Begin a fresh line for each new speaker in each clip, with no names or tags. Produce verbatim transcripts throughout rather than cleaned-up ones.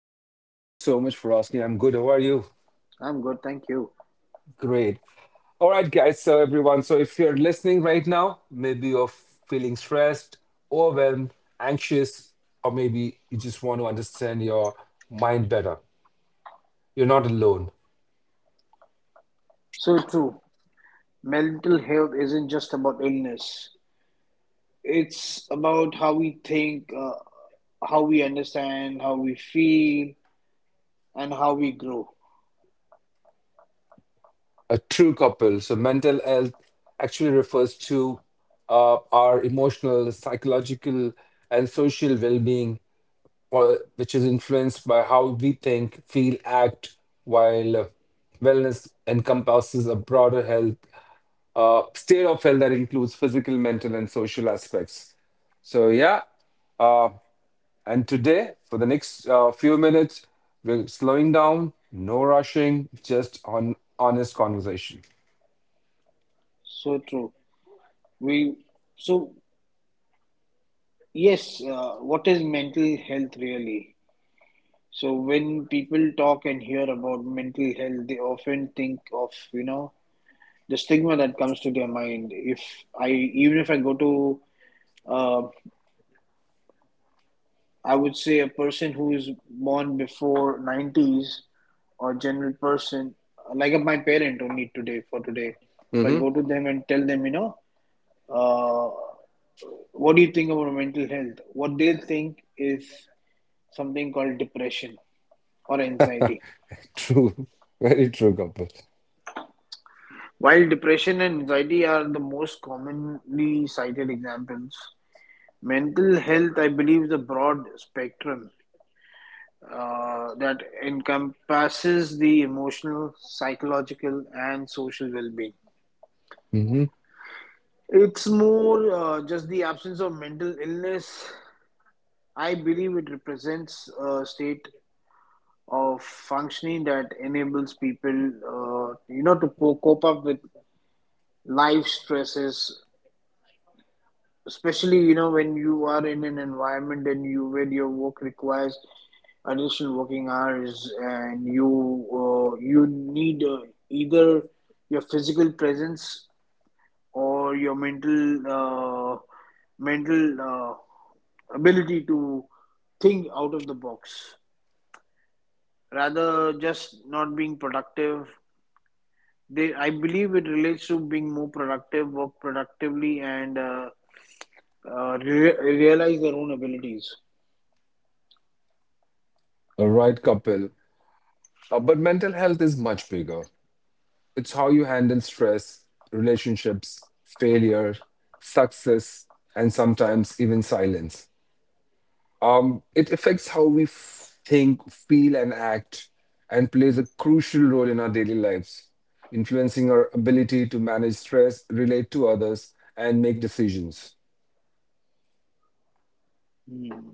Hi, Kapil. Thank you so much for asking. I'm good. How are you?
I'm good, thank you.
Great. All right, guys. So, everyone, so if you're listening right now, maybe you're feeling stressed, overwhelmed, anxious, or maybe you just want to understand your mind better. You're not alone.
So true. Mental health isn't just about illness. It's about how we think, uh, how we understand, how we feel, and how we grow.
A true couple. So, mental health actually refers to uh, our emotional, psychological, and social well being, or which is influenced by how we think, feel, act, while uh, wellness encompasses a broader health, uh, state of health that includes physical, mental, and social aspects. So, yeah. Uh, and today, for the next uh, few minutes, we're slowing down, no rushing, just on honest conversation.
So true. We so Yes. Uh, what is mental health really? So when people talk and hear about mental health, they often think of you know the stigma that comes to their mind. If I Even if I go to, uh, I would say a person who is born before nineties, or general person like my parent. Only today, for today, if I
Hmm.
go to them and tell them, you know uh, what do you think about mental health, what they think is something called depression or anxiety.
True. Very true, couple.
While depression and anxiety are the most commonly cited examples, mental health, I believe, is a broad spectrum uh, that encompasses the emotional, psychological, and social well being.
Hmm.
It's more uh, just the absence of mental illness. I believe it represents a state of functioning that enables people, uh, you know, to cope up with life stresses, especially, you know, when you are in an environment and you where your work requires additional working hours and you uh, you need, uh, either your physical presence or your mental uh, mental uh, ability to think out of the box rather just not being productive. They i believe it relates to being more productive, work productively, and uh, uh, re- realize their own abilities.
All right, couple. Uh, but mental health is much bigger. It's how you handle stress, relationships, failure, success, and sometimes even silence. Um, it affects how we f- think, feel, and act, and plays a crucial role in our daily lives, influencing our ability to manage stress, relate to others, and make decisions.
Hmm.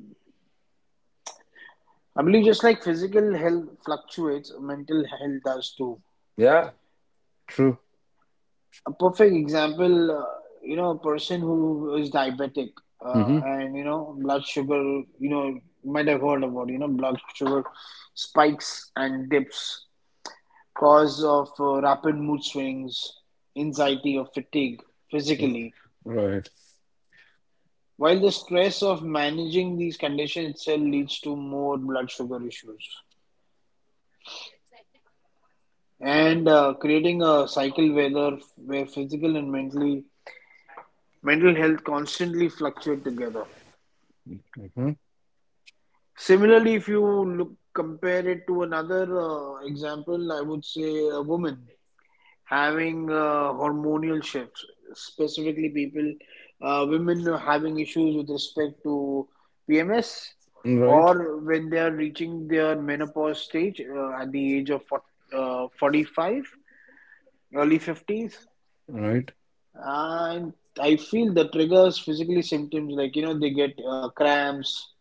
I believe just like physical health fluctuates, mental health does too.
Yeah, true.
A perfect example, uh, you know, a person who is diabetic, uh,
Mm-hmm.
and, you know, blood sugar, you know, you might have heard about, you know, blood sugar spikes and dips, cause of uh, rapid mood swings, anxiety or fatigue physically.
Right.
While the stress of managing these conditions itself leads to more blood sugar issues, and uh, creating a cycle whether where physical and mentally mental health constantly fluctuate together.
Mm-hmm.
Similarly, if you look compare it to another, uh, example, I would say a woman having, uh, hormonal shifts. Specifically, people uh, women are having issues with respect to PMS,
Right.
or when they are reaching their menopause stage, uh, at the age of forty, uh, forty-five, early fifties.
Right.
And I feel the triggers physically symptoms like, you know they get, uh, cramps,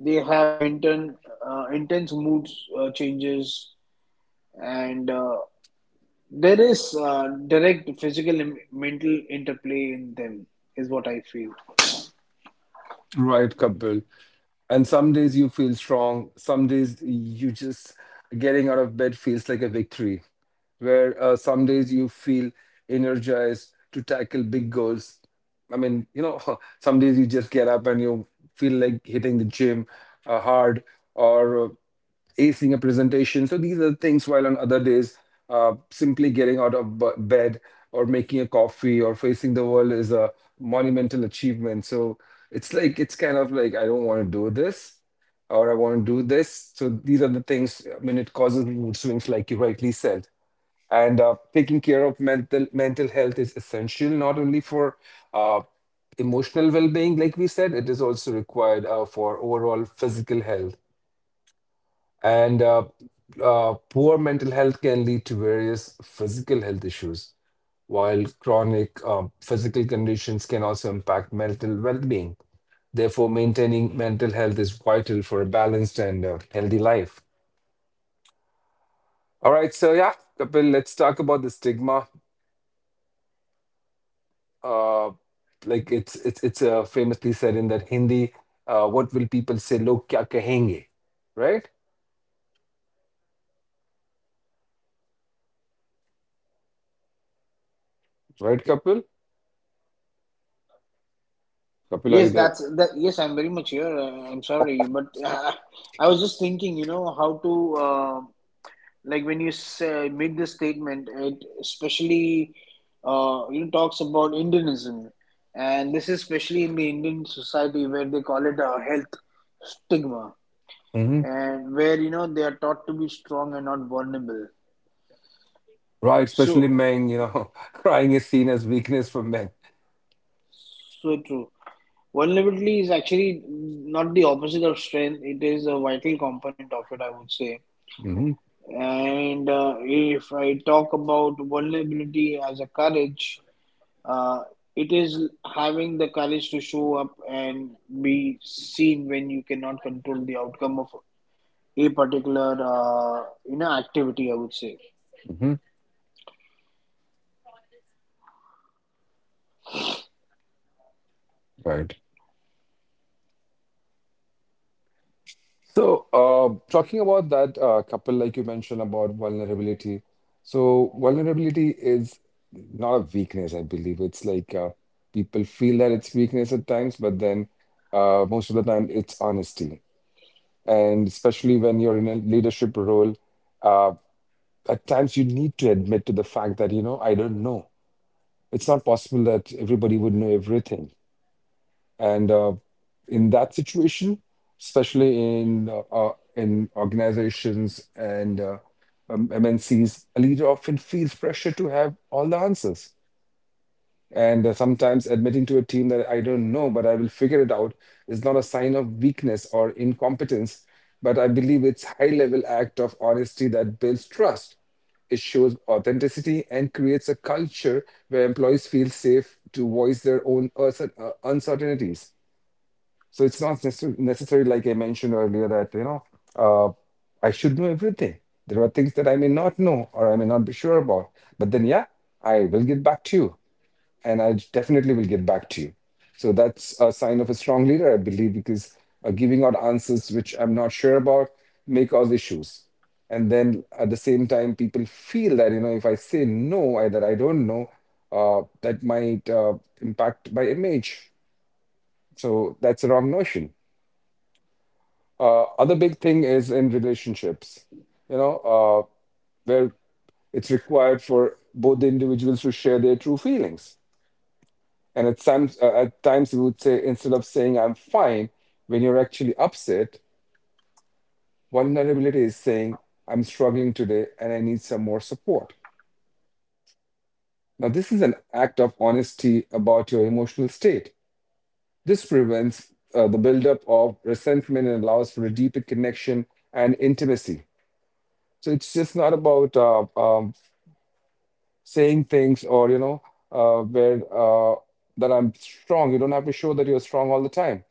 they have intern uh, intense mood, uh, changes, and uh, there is, uh, direct physical and mental interplay in them, is what I feel.
Right, Kapil. And some days you feel strong, some days you just getting out of bed feels like a victory. Where uh, some days you feel energized to tackle big goals. I mean, you know, some days you just get up and you feel like hitting the gym uh, hard, or uh, acing a presentation. So these are the things while on other days, uh, simply getting out of b- bed or making a coffee or facing the world is a monumental achievement. So it's like, it's kind of like, I don't want to do this or I want to do this. So these are the things, I mean, it causes mood swings, like you rightly said. And uh, taking care of mental mental health is essential not only for uh, emotional well-being, like we said, it is also required uh, for overall physical health. And uh, uh, poor mental health can lead to various physical health issues, while chronic uh, physical conditions can also impact mental well-being. Therefore, maintaining mental health is vital for a balanced and uh, healthy life. All right, so yeah, Kapil, let's talk about the stigma. Uh, like it's it's it's uh, famously said in that Hindi, uh, what will people say? Log kya kahenge, right? Right, Kapil? Kapil, are you
Yes,
there?
that's that. Yes, I'm very much here. Uh, I'm sorry, but uh, I was just thinking, you know, how to, uh, like, when you say, made this statement, it especially, uh, you know talks about Indianism, and this is especially in the Indian society where they call it a health stigma, and where, you know they are taught to be strong and not vulnerable.
Right,
So,
especially men, you know, crying is seen as weakness for men.
so true. Vulnerability is actually not the opposite of strength; it is a vital component of it, I would say.
Hmm.
And uh, if I talk about vulnerability as a courage, uh, it is having the courage to show up and be seen when you cannot control the outcome of a particular, uh, you know activity, I would say.
Hmm. Right. So, uh, talking about that uh, couple, like you mentioned about vulnerability. So, vulnerability is not a weakness, I believe. It's like uh, people feel that it's weakness at times, but then uh, most of the time it's honesty. And especially when you're in a leadership role, uh, at times you need to admit to the fact that, you know, I don't know, it's not possible that everybody would know everything, and uh, in that situation, especially in uh, uh, in organizations and uh, um, mncs, a leader often feels pressure to have all the answers, and uh, sometimes admitting to a team that I don't know, but I will figure it out is not a sign of weakness or incompetence, but I believe it's high-level act of honesty that builds trust. It shows authenticity and creates a culture where employees feel safe to voice their own uncer- uh, uncertainties. So it's not necessar- necessary, like I mentioned earlier, that you know uh, I should know everything. There are things that I may not know or I may not be sure about. But then, yeah, I will get back to you and I definitely will get back to you. So that's a sign of a strong leader, I believe, because uh, giving out answers which I'm not sure about may cause issues. And then at the same time, people feel that, you know, if I say no, I, that I don't know, uh, that might uh, impact my image. So that's a wrong notion. Uh, other big thing is in relationships, you know, uh, where it's required for both the individuals to share their true feelings. And at times, uh, at times, you would say instead of saying "I'm fine," when you're actually upset, vulnerability is saying "I'm struggling today and I need some more support." Now, this is an act of honesty about your emotional state. This prevents uh, the buildup of resentment and allows for a deeper connection and intimacy. So it's just not about uh, um, saying things or you know uh, where uh, that I'm strong. You don't have to show that you're strong all the time.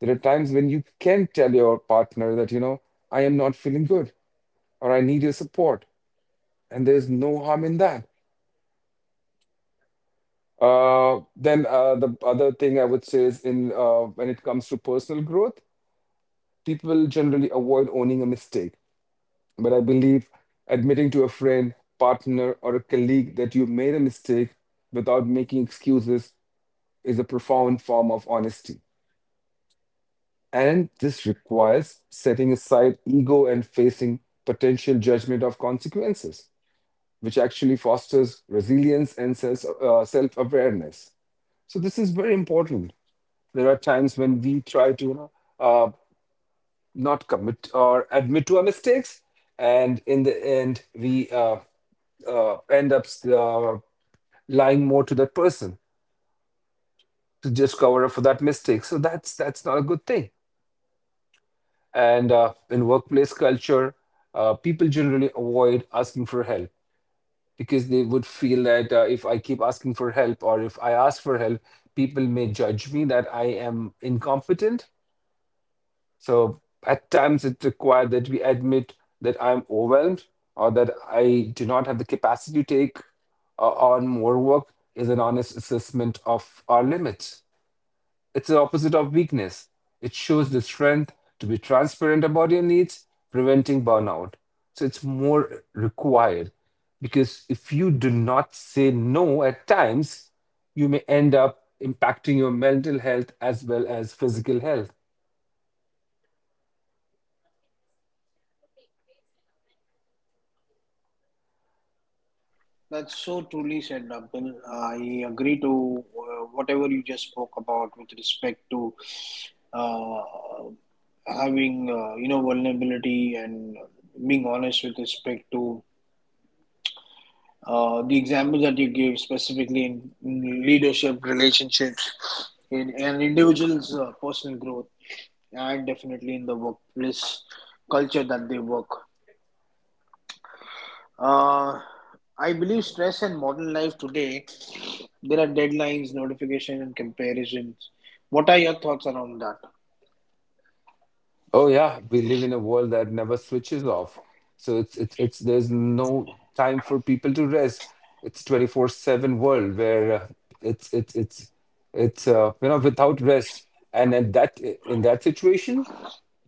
There are times when you can tell your partner that, you know, I am not feeling good or I need your support. And there's no harm in that. Uh, then uh, the other thing I would say is in uh, when it comes to personal growth, people generally avoid owning a mistake. But I believe admitting to a friend, partner, or a colleague that you made a mistake without making excuses is a profound form of honesty. And this requires setting aside ego and facing potential judgment of consequences, which actually fosters resilience and self uh, self awareness. So this is very important. There are times when we try to, you know, uh, not commit or admit to our mistakes, and in the end we uh, uh, end up uh, lying more to that person to just cover up for that mistake. So that's that's not a good thing. And uh, in workplace culture, uh, people generally avoid asking for help because they would feel that uh, if I keep asking for help or if I ask for help, people may judge me that I am incompetent. So at times it's required that we admit that I'm overwhelmed or that I do not have the capacity to take uh, on more work is an honest assessment of our limits. It's the opposite of weakness. It shows the strength to be transparent about your needs, preventing burnout. So it's more required because if you do not say no at times, you may end up impacting your mental health as well as physical health.
That's so truly said, Abdul. I agree to, uh, whatever you just spoke about with respect to, uh, having, uh, you know vulnerability and being honest, with respect to, Uh, the examples that you give, specifically in, in leadership, relationships, in an individual's, uh, personal growth, and definitely in the workplace culture that they work. Uh, I believe stress and modern life today, there are deadlines, notification, and comparisons. What are your thoughts around that?
Oh yeah, we live in a world that never switches off. So it's it's it's there's no time for people to rest. It's twenty-four seven world where uh, it's it's it's it's uh, you know, without rest. And at that in that situation,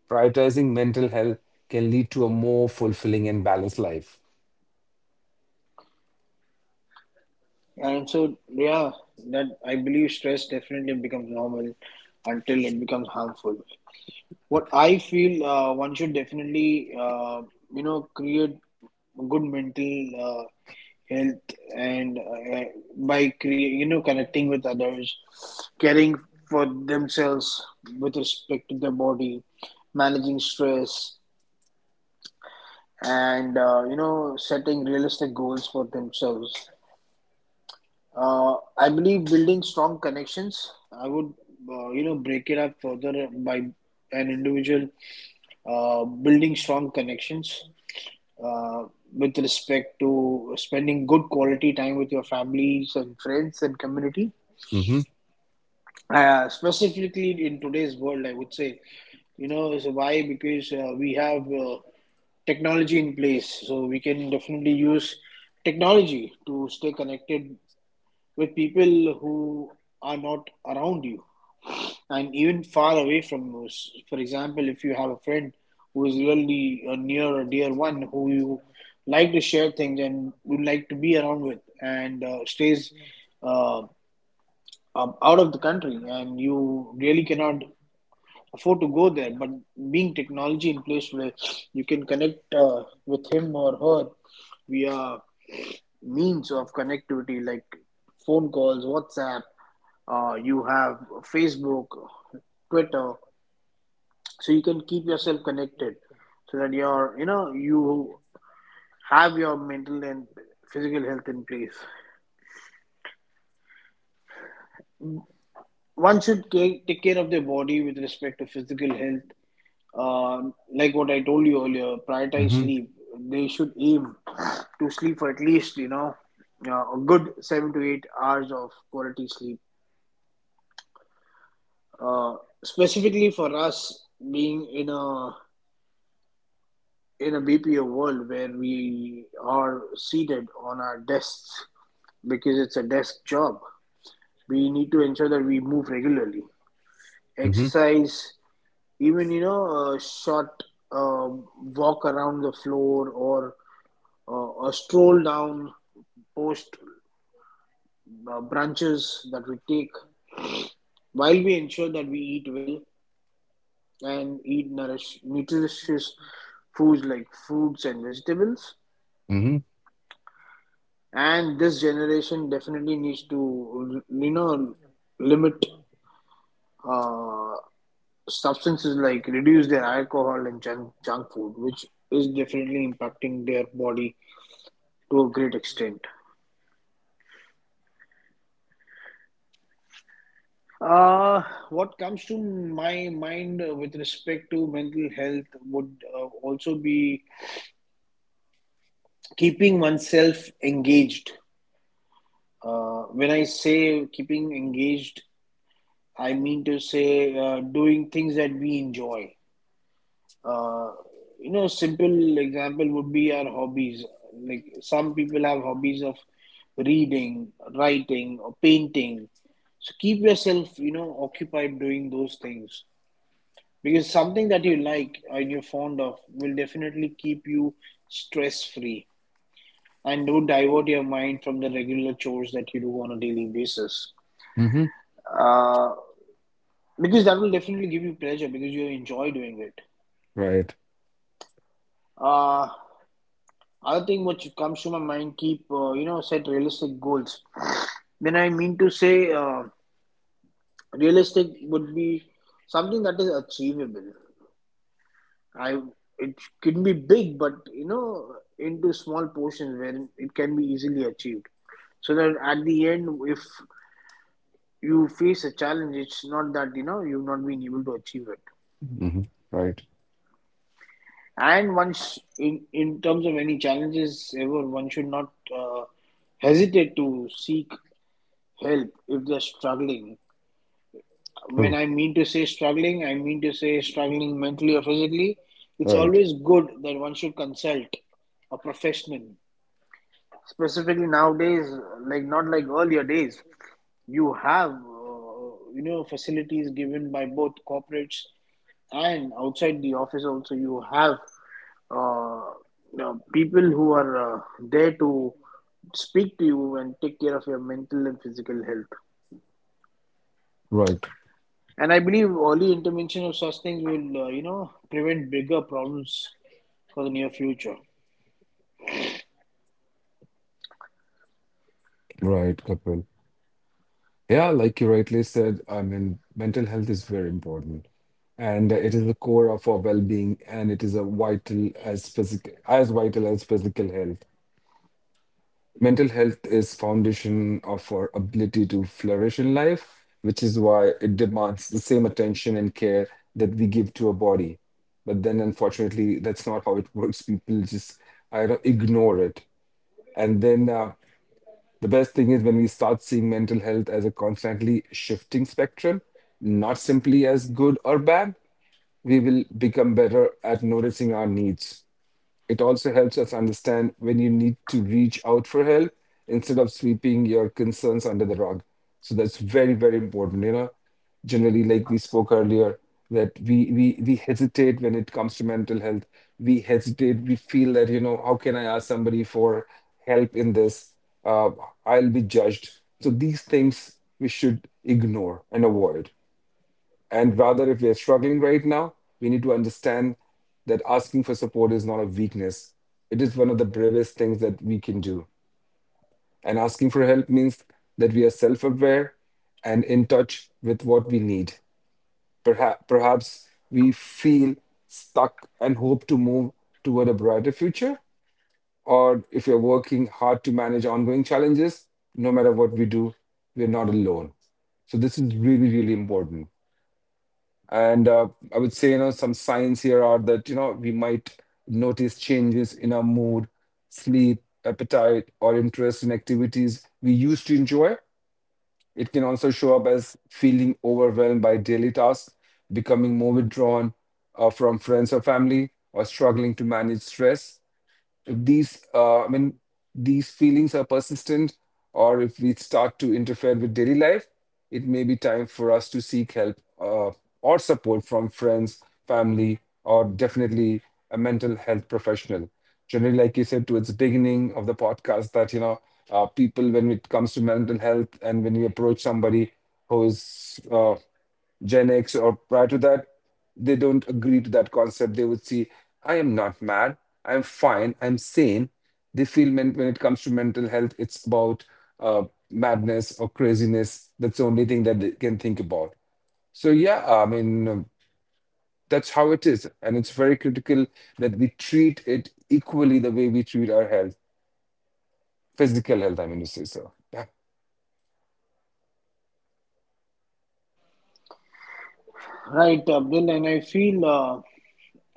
prioritizing mental health can lead to a more fulfilling and balanced life.
And so, yeah, that I believe stress definitely becomes normal until it becomes harmful. What I feel, uh, one should definitely, uh, you know create good mental, uh, health, and uh, by create, you know connecting with others, caring for themselves with respect to their body, managing stress, and uh, you know setting realistic goals for themselves. uh, I believe building strong connections. I would, uh, you know, break it up further by an individual, uh, building strong connections, uh, with respect to spending good quality time with your families and friends and community.
Mm-hmm.
Uh, specifically in today's world, I would say, you know, so why? Because, uh, we have, uh, technology in place, so we can definitely use technology to stay connected with people who are not around you and even far away from you. S- For example, if you have a friend who is really a near or dear one who you like to share things and would like to be around with, and uh, stays, uh, um, out of the country, and you really cannot afford to go there, but being technology in place where you can connect, uh, with him or her via means of connectivity like phone calls, WhatsApp, uh, you have Facebook, Twitter, so you can keep yourself connected so that you're, you know, you have your mental and physical health in place. One should ca- take care of their body with respect to physical health. Uh, like what I told you earlier, prioritize
Mm-hmm.
sleep. They should aim to sleep for at least, you know, uh, a good seven to eight hours of quality sleep. Uh, Specifically for us being in a in a B P O world where we are seated on our desks, because it's a desk job, we need to ensure that we move regularly,
Mm-hmm.
exercise, even, you know a short, uh, walk around the floor, or uh, a stroll down post, uh, branches that we take, while we ensure that we eat well and eat nourish, nutritious foods like fruits and vegetables.
Mm-hmm.
And this generation definitely needs to, you know, limit, uh, substances like reduce their alcohol and junk, junk food, which is definitely impacting their body to a great extent. Uh, what comes to my mind, uh, with respect to mental health, would, uh, also be keeping oneself engaged. Uh, when I say keeping engaged, I mean to say, uh, doing things that we enjoy. Uh, you know, simple example would be our hobbies. Like some people have hobbies of reading, writing, or painting. So keep yourself, you know, occupied doing those things, because something that you like and you're fond of will definitely keep you stress free, and would divert your mind from the regular chores that you do on a daily basis.
Mm-hmm.
Uh, because that will definitely give you pleasure because you enjoy doing it.
Right.
Uh, Other thing which comes to my mind, keep, uh, you know set realistic goals. When I mean to say, uh, realistic would be something that is achievable. I It can be big, but, you know, into small portions where it can be easily achieved, so that at the end, if you face a challenge, it's not that, you know, you've not been able to achieve it.
Mm-hmm. Right.
And once, in, in terms of any challenges ever, one should not, uh, hesitate to seek help if they're struggling. When
True.
I mean to say struggling, I mean to say struggling mentally or physically. It's
Right.
always good that one should consult a professional, specifically nowadays, like not like earlier days. You have, uh, you know facilities given by both corporates, and outside the office also you have, uh, you know, people who are, uh, there to speak to you and take care of your mental and physical health.
Right.
And I believe early intervention of such things will, uh, you know prevent bigger problems for the near future.
Right, Kapil. Yeah, like you rightly said, I mean, mental health is very important, and it is the core of our well-being, and it is a vital as physical as vital as physical health. Mental health is foundation of our ability to flourish in life, which is why it demands the same attention and care that we give to our body. But then, unfortunately, that's not how it works. People just I don't, ignore it, and then. Uh, the best thing is when we start seeing mental health as a constantly shifting spectrum, not simply as good or bad, we will become better at noticing our needs. It also helps us understand when you need to reach out for help instead of sweeping your concerns under the rug. So that's very, very important. You know, generally, like we spoke earlier, that we we we hesitate when it comes to mental health. We hesitate. We feel that, you know, how can I ask somebody for help in this? Uh, I'll be judged. So these things we should ignore and avoid. And rather, if we are struggling right now, we need to understand that asking for support is not a weakness. It is one of the bravest things that we can do. And asking for help means that we are self aware and in touch with what we need. Perhaps, perhaps we feel stuck and hope to move toward a brighter future. Or if you're working hard to manage ongoing challenges, no matter what we do, we're not alone. So, this is really, really important. And uh, I would say, you know, some signs here are that, you know, we might notice changes in our mood, sleep, appetite, or interest in activities we used to enjoy. It can also show up as feeling overwhelmed by daily tasks, becoming more withdrawn uh, from friends or family, or struggling to manage stress. If these uh, I mean these feelings are persistent, or if we start to interfere with daily life, it may be time for us to seek help, uh, or support from friends, family, or definitely a mental health professional. Generally, like you said towards the beginning of the podcast, that you know, uh, people, when it comes to mental health and when you approach somebody who is uh, Gen X or prior to that, they don't agree to that concept. They would see, I am not mad, I'm fine, I'm sane. They feel men- when it comes to mental health, it's about uh, madness or craziness. That's the only thing that they can think about. So, yeah, I mean, um, that's how it is. And it's very critical that we treat it equally the way we treat our health, physical health, I mean to say so. Yeah.
Right, uh, Abdul, and I feel, uh,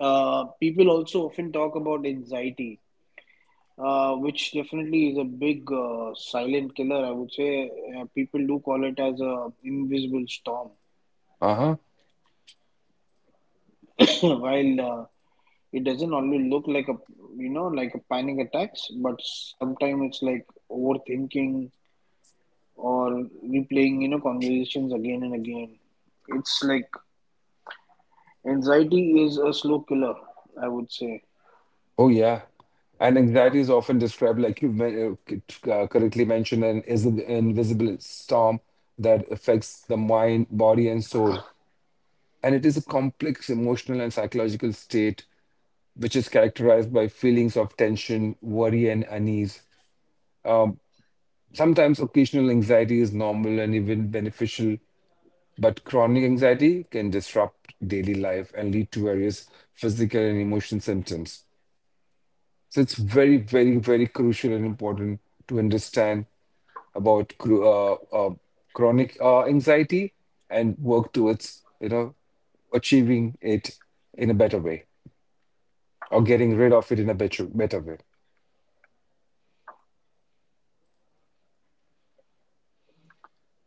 Uh, people also often talk about anxiety, uh, which definitely is a big, uh, silent killer, I would say. uh, people do call it as a invisible storm.
Uh-huh.
While, uh, it doesn't always look like a, you know like a panic attacks, but sometimes it's like overthinking or replaying, you know, conversations again and again. It's like anxiety is a slow killer, I would say.
Oh, yeah. And anxiety is often described, like you men- uh, c- uh, correctly mentioned, an is- invisible storm that affects the mind, body, and soul. And it is a complex emotional and psychological state which is characterized by feelings of tension, worry, and unease. Um, Sometimes occasional anxiety is normal and even beneficial, but chronic anxiety can disrupt daily life and lead to various physical and emotion symptoms. So it's very, very, very crucial and important to understand about cru- uh, uh, chronic uh, anxiety and work towards, you know, achieving it in a better way or getting rid of it in a better, better way.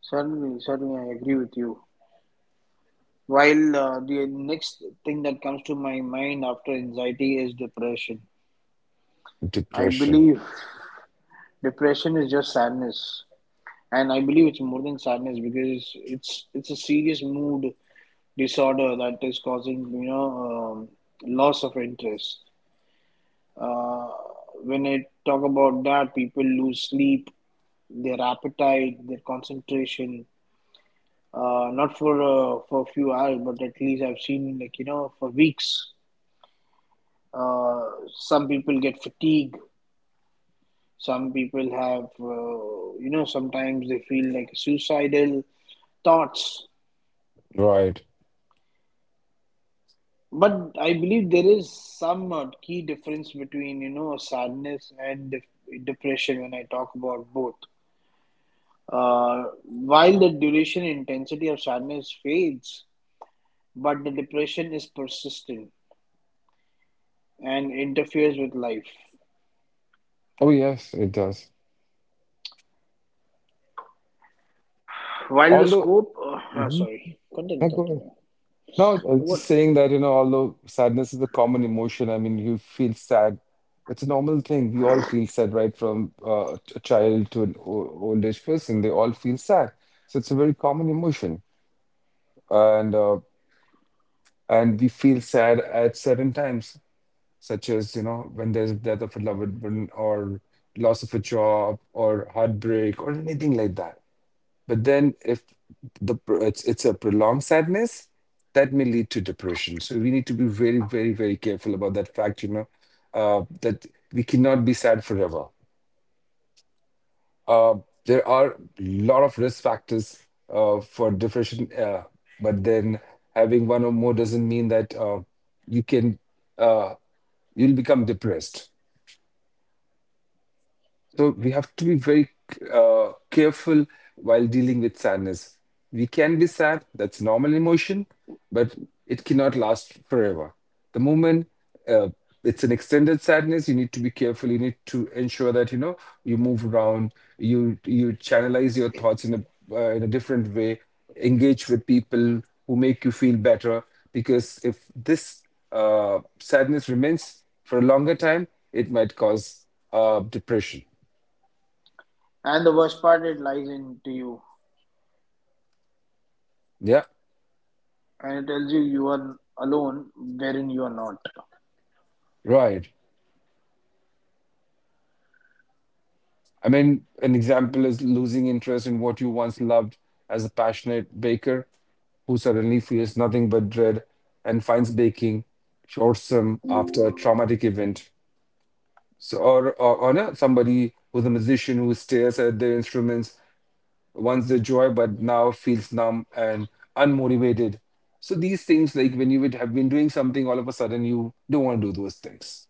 Certainly, certainly, I agree with you. While, uh, the next thing that comes to my mind after anxiety is depression. I
Depression.
believe depression is just sadness, and I believe it's more than sadness because it's it's a serious mood disorder that is causing, you know um, loss of interest. Uh, when I talk about that, people lose sleep, their appetite, their concentration. Uh, not for uh, for a few hours, but at least I've seen, like you know for weeks. Uh, some people get fatigue. Some people have, uh, you know, sometimes they feel like suicidal thoughts.
Right.
But I believe there is some uh, key difference between, you know, sadness and def- depression, when I talk about both. Uh, while the duration and intensity of sadness fades, but the depression is persistent and interferes with life.
Oh, yes, it does.
While the
Although,
scope, uh, ah,
mm-hmm.
Sorry, continue, continue.
No, I was just
What?
saying that, you know, although sadness is a common emotion, I mean, you feel sad. It's a normal thing. We all feel sad, right? From uh, a child to an o- old age person, they all feel sad. So it's a very common emotion. And uh, and we feel sad at certain times, such as, you know, when there's death of a loved one or loss of a job or heartbreak or anything like that. But then if the pro- it's it's a prolonged sadness, that may lead to depression. So we need to be very, very, very careful about that fact, you know, uh, that we cannot be sad forever. Uh, there are a lot of risk factors uh, for depression, uh, but then having one or more doesn't mean that uh, you can uh, you'll become depressed. So we have to be very uh, careful while dealing with sadness. We can be sad, that's normal emotion, but it cannot last forever. The moment uh, it's an extended sadness, you need to be careful. You need to ensure that you know you move around, you you channelize your thoughts in a uh, in a different way, engage with people who make you feel better. Because if this uh, sadness remains for a longer time, it might cause uh, depression.
And the worst part, it lies into you,
Yeah,
and it tells you you are alone wherein you are not.
right. I mean, an example is losing interest in what you once loved as a passionate baker who suddenly feels nothing but dread and finds baking shortsome after a traumatic event. So, or, or, or no, somebody who's a musician who stares at their instruments once the joy, but now feels numb and unmotivated. So these things, like when you would have been doing something, all of a sudden you don't want to do those things.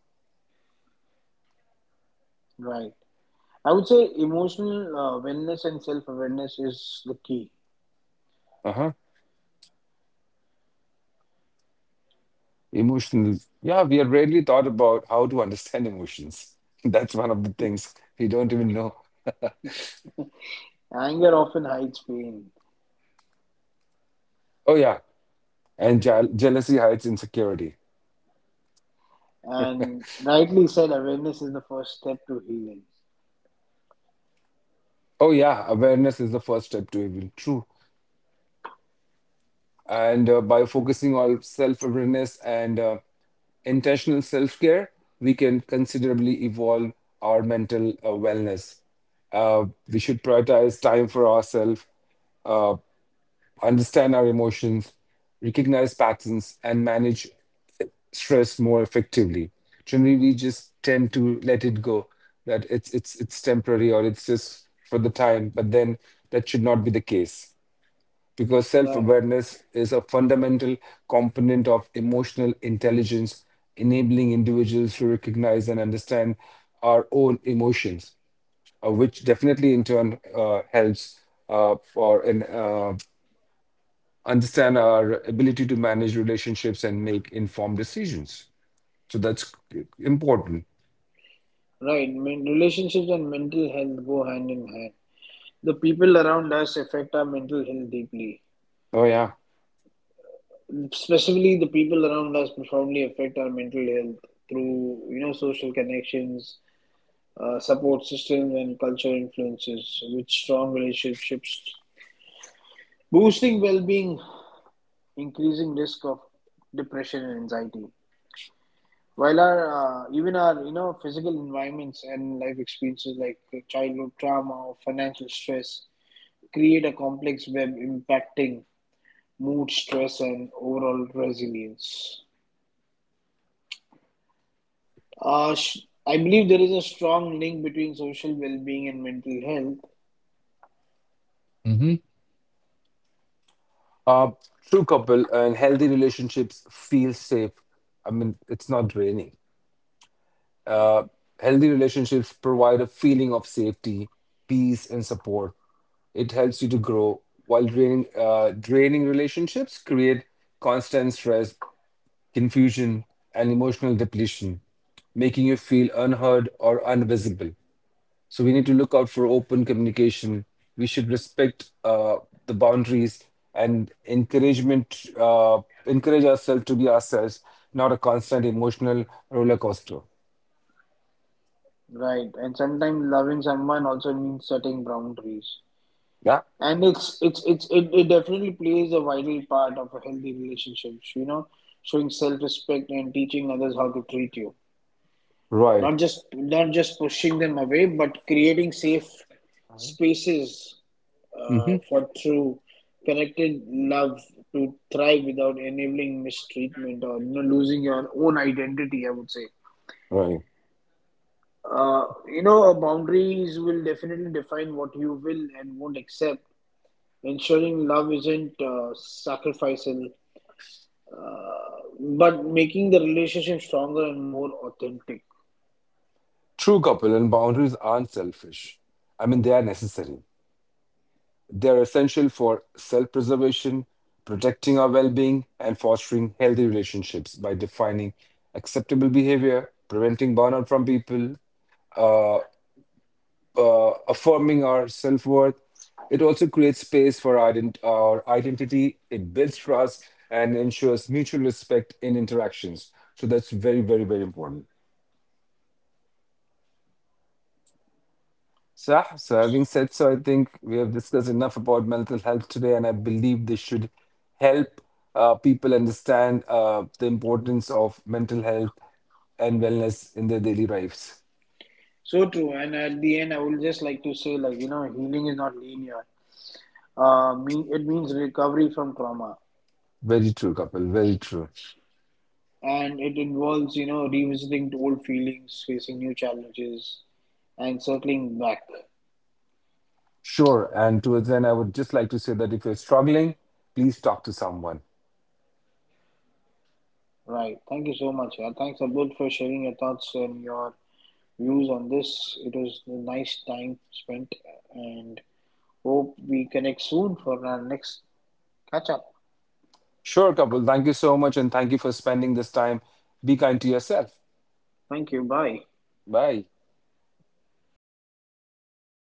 Right. I would say emotional, uh, wellness and self awareness is the key.
Uh huh. Emotional. Yeah, we have rarely thought about how to understand emotions. That's one of the things we don't even know.
Anger often hides pain,
Oh, yeah. And je jealousy hides insecurity.
and rightly said, awareness is the first step to healing.
Oh, yeah. Awareness is the first step to even true. And uh, by focusing on self-awareness and uh, intentional self-care, we can considerably evolve our mental uh, wellness. Uh, we should prioritize time for ourselves understand our emotions, recognize patterns, and manage stress more effectively. Generally, we just tend to let it go, that it's it's it's temporary or it's just for the time, but then that should not be the case. Because
Right.
self-awareness is a fundamental component of emotional intelligence, enabling individuals to recognize and understand our own emotions, uh, which definitely in turn uh, helps uh, for an, uh, understand our ability to manage relationships and make informed decisions. So that's important.
Right. Men- relationships and mental health go hand in hand. The people around us affect our mental health deeply.
Oh yeah.
Specifically, the people around us probably affect our mental health through, you know social connections, uh, support systems and cultural influences, with strong relationships boosting well-being, increasing risk of depression and anxiety, while our, uh, even our, you know physical environments and life experiences like childhood trauma or financial stress create a complex web impacting mood, stress and overall resilience. uh, sh- I believe there is a strong link between social well-being and mental health.
Uh, True couple and healthy relationships feel safe. I mean, it's not draining. Uh, Healthy relationships provide a feeling of safety, peace, and support. It helps you to grow, while draining uh, draining relationships create constant stress, confusion, and emotional depletion, making you feel unheard or invisible. So we need to look out for open communication. We should respect uh, the boundaries and encouragement, uh, encourage ourselves to be ourselves, not a constant emotional roller coaster.
Right, and sometimes loving someone also means setting boundaries,
Yeah,
and it's it's it's it, it definitely plays a vital part of a healthy relationship. You know, showing self-respect and teaching others how to treat you, not
right.
just not just pushing them away, but creating safe spaces, uh,
Hmm.
for true connected love to thrive without enabling mistreatment or, you know, losing your own identity, I would say.
Right.
Uh, you know, uh, boundaries will definitely define what you will and won't accept, ensuring love isn't, uh, sacrificial, uh, but making the relationship stronger and more authentic.
True couple and boundaries aren't selfish. I mean, they are necessary. They are essential for self preservation, protecting our well being, and fostering healthy relationships by defining acceptable behavior, preventing burnout from people, uh, uh, affirming our self worth. It also creates space for our, ident- our identity, it builds trust, and ensures mutual respect in interactions. So that's very, very, very important. So, so having said so, I think we have discussed enough about mental health today, and I believe this should help uh, people understand uh, the importance of mental health and wellness in their daily lives.
So true. And at the end, I would just like to say, like, you know, healing is not linear. Uh, mean, it means recovery from trauma.
Very true, Kapil. Very true.
And it involves, you know, revisiting old feelings, facing new challenges, and circling back.
Sure. And towards then, I would just like to say that if you're struggling, please talk to someone.
Right. Thank you so much. Yeah. Thanks, Abdul, for sharing your thoughts and your views on this. It was a nice time spent, and hope we connect soon for our next catch up.
Sure, Kapil. Thank you so much, and thank you for spending this time. Be kind to yourself.
Thank you. Bye.
Bye.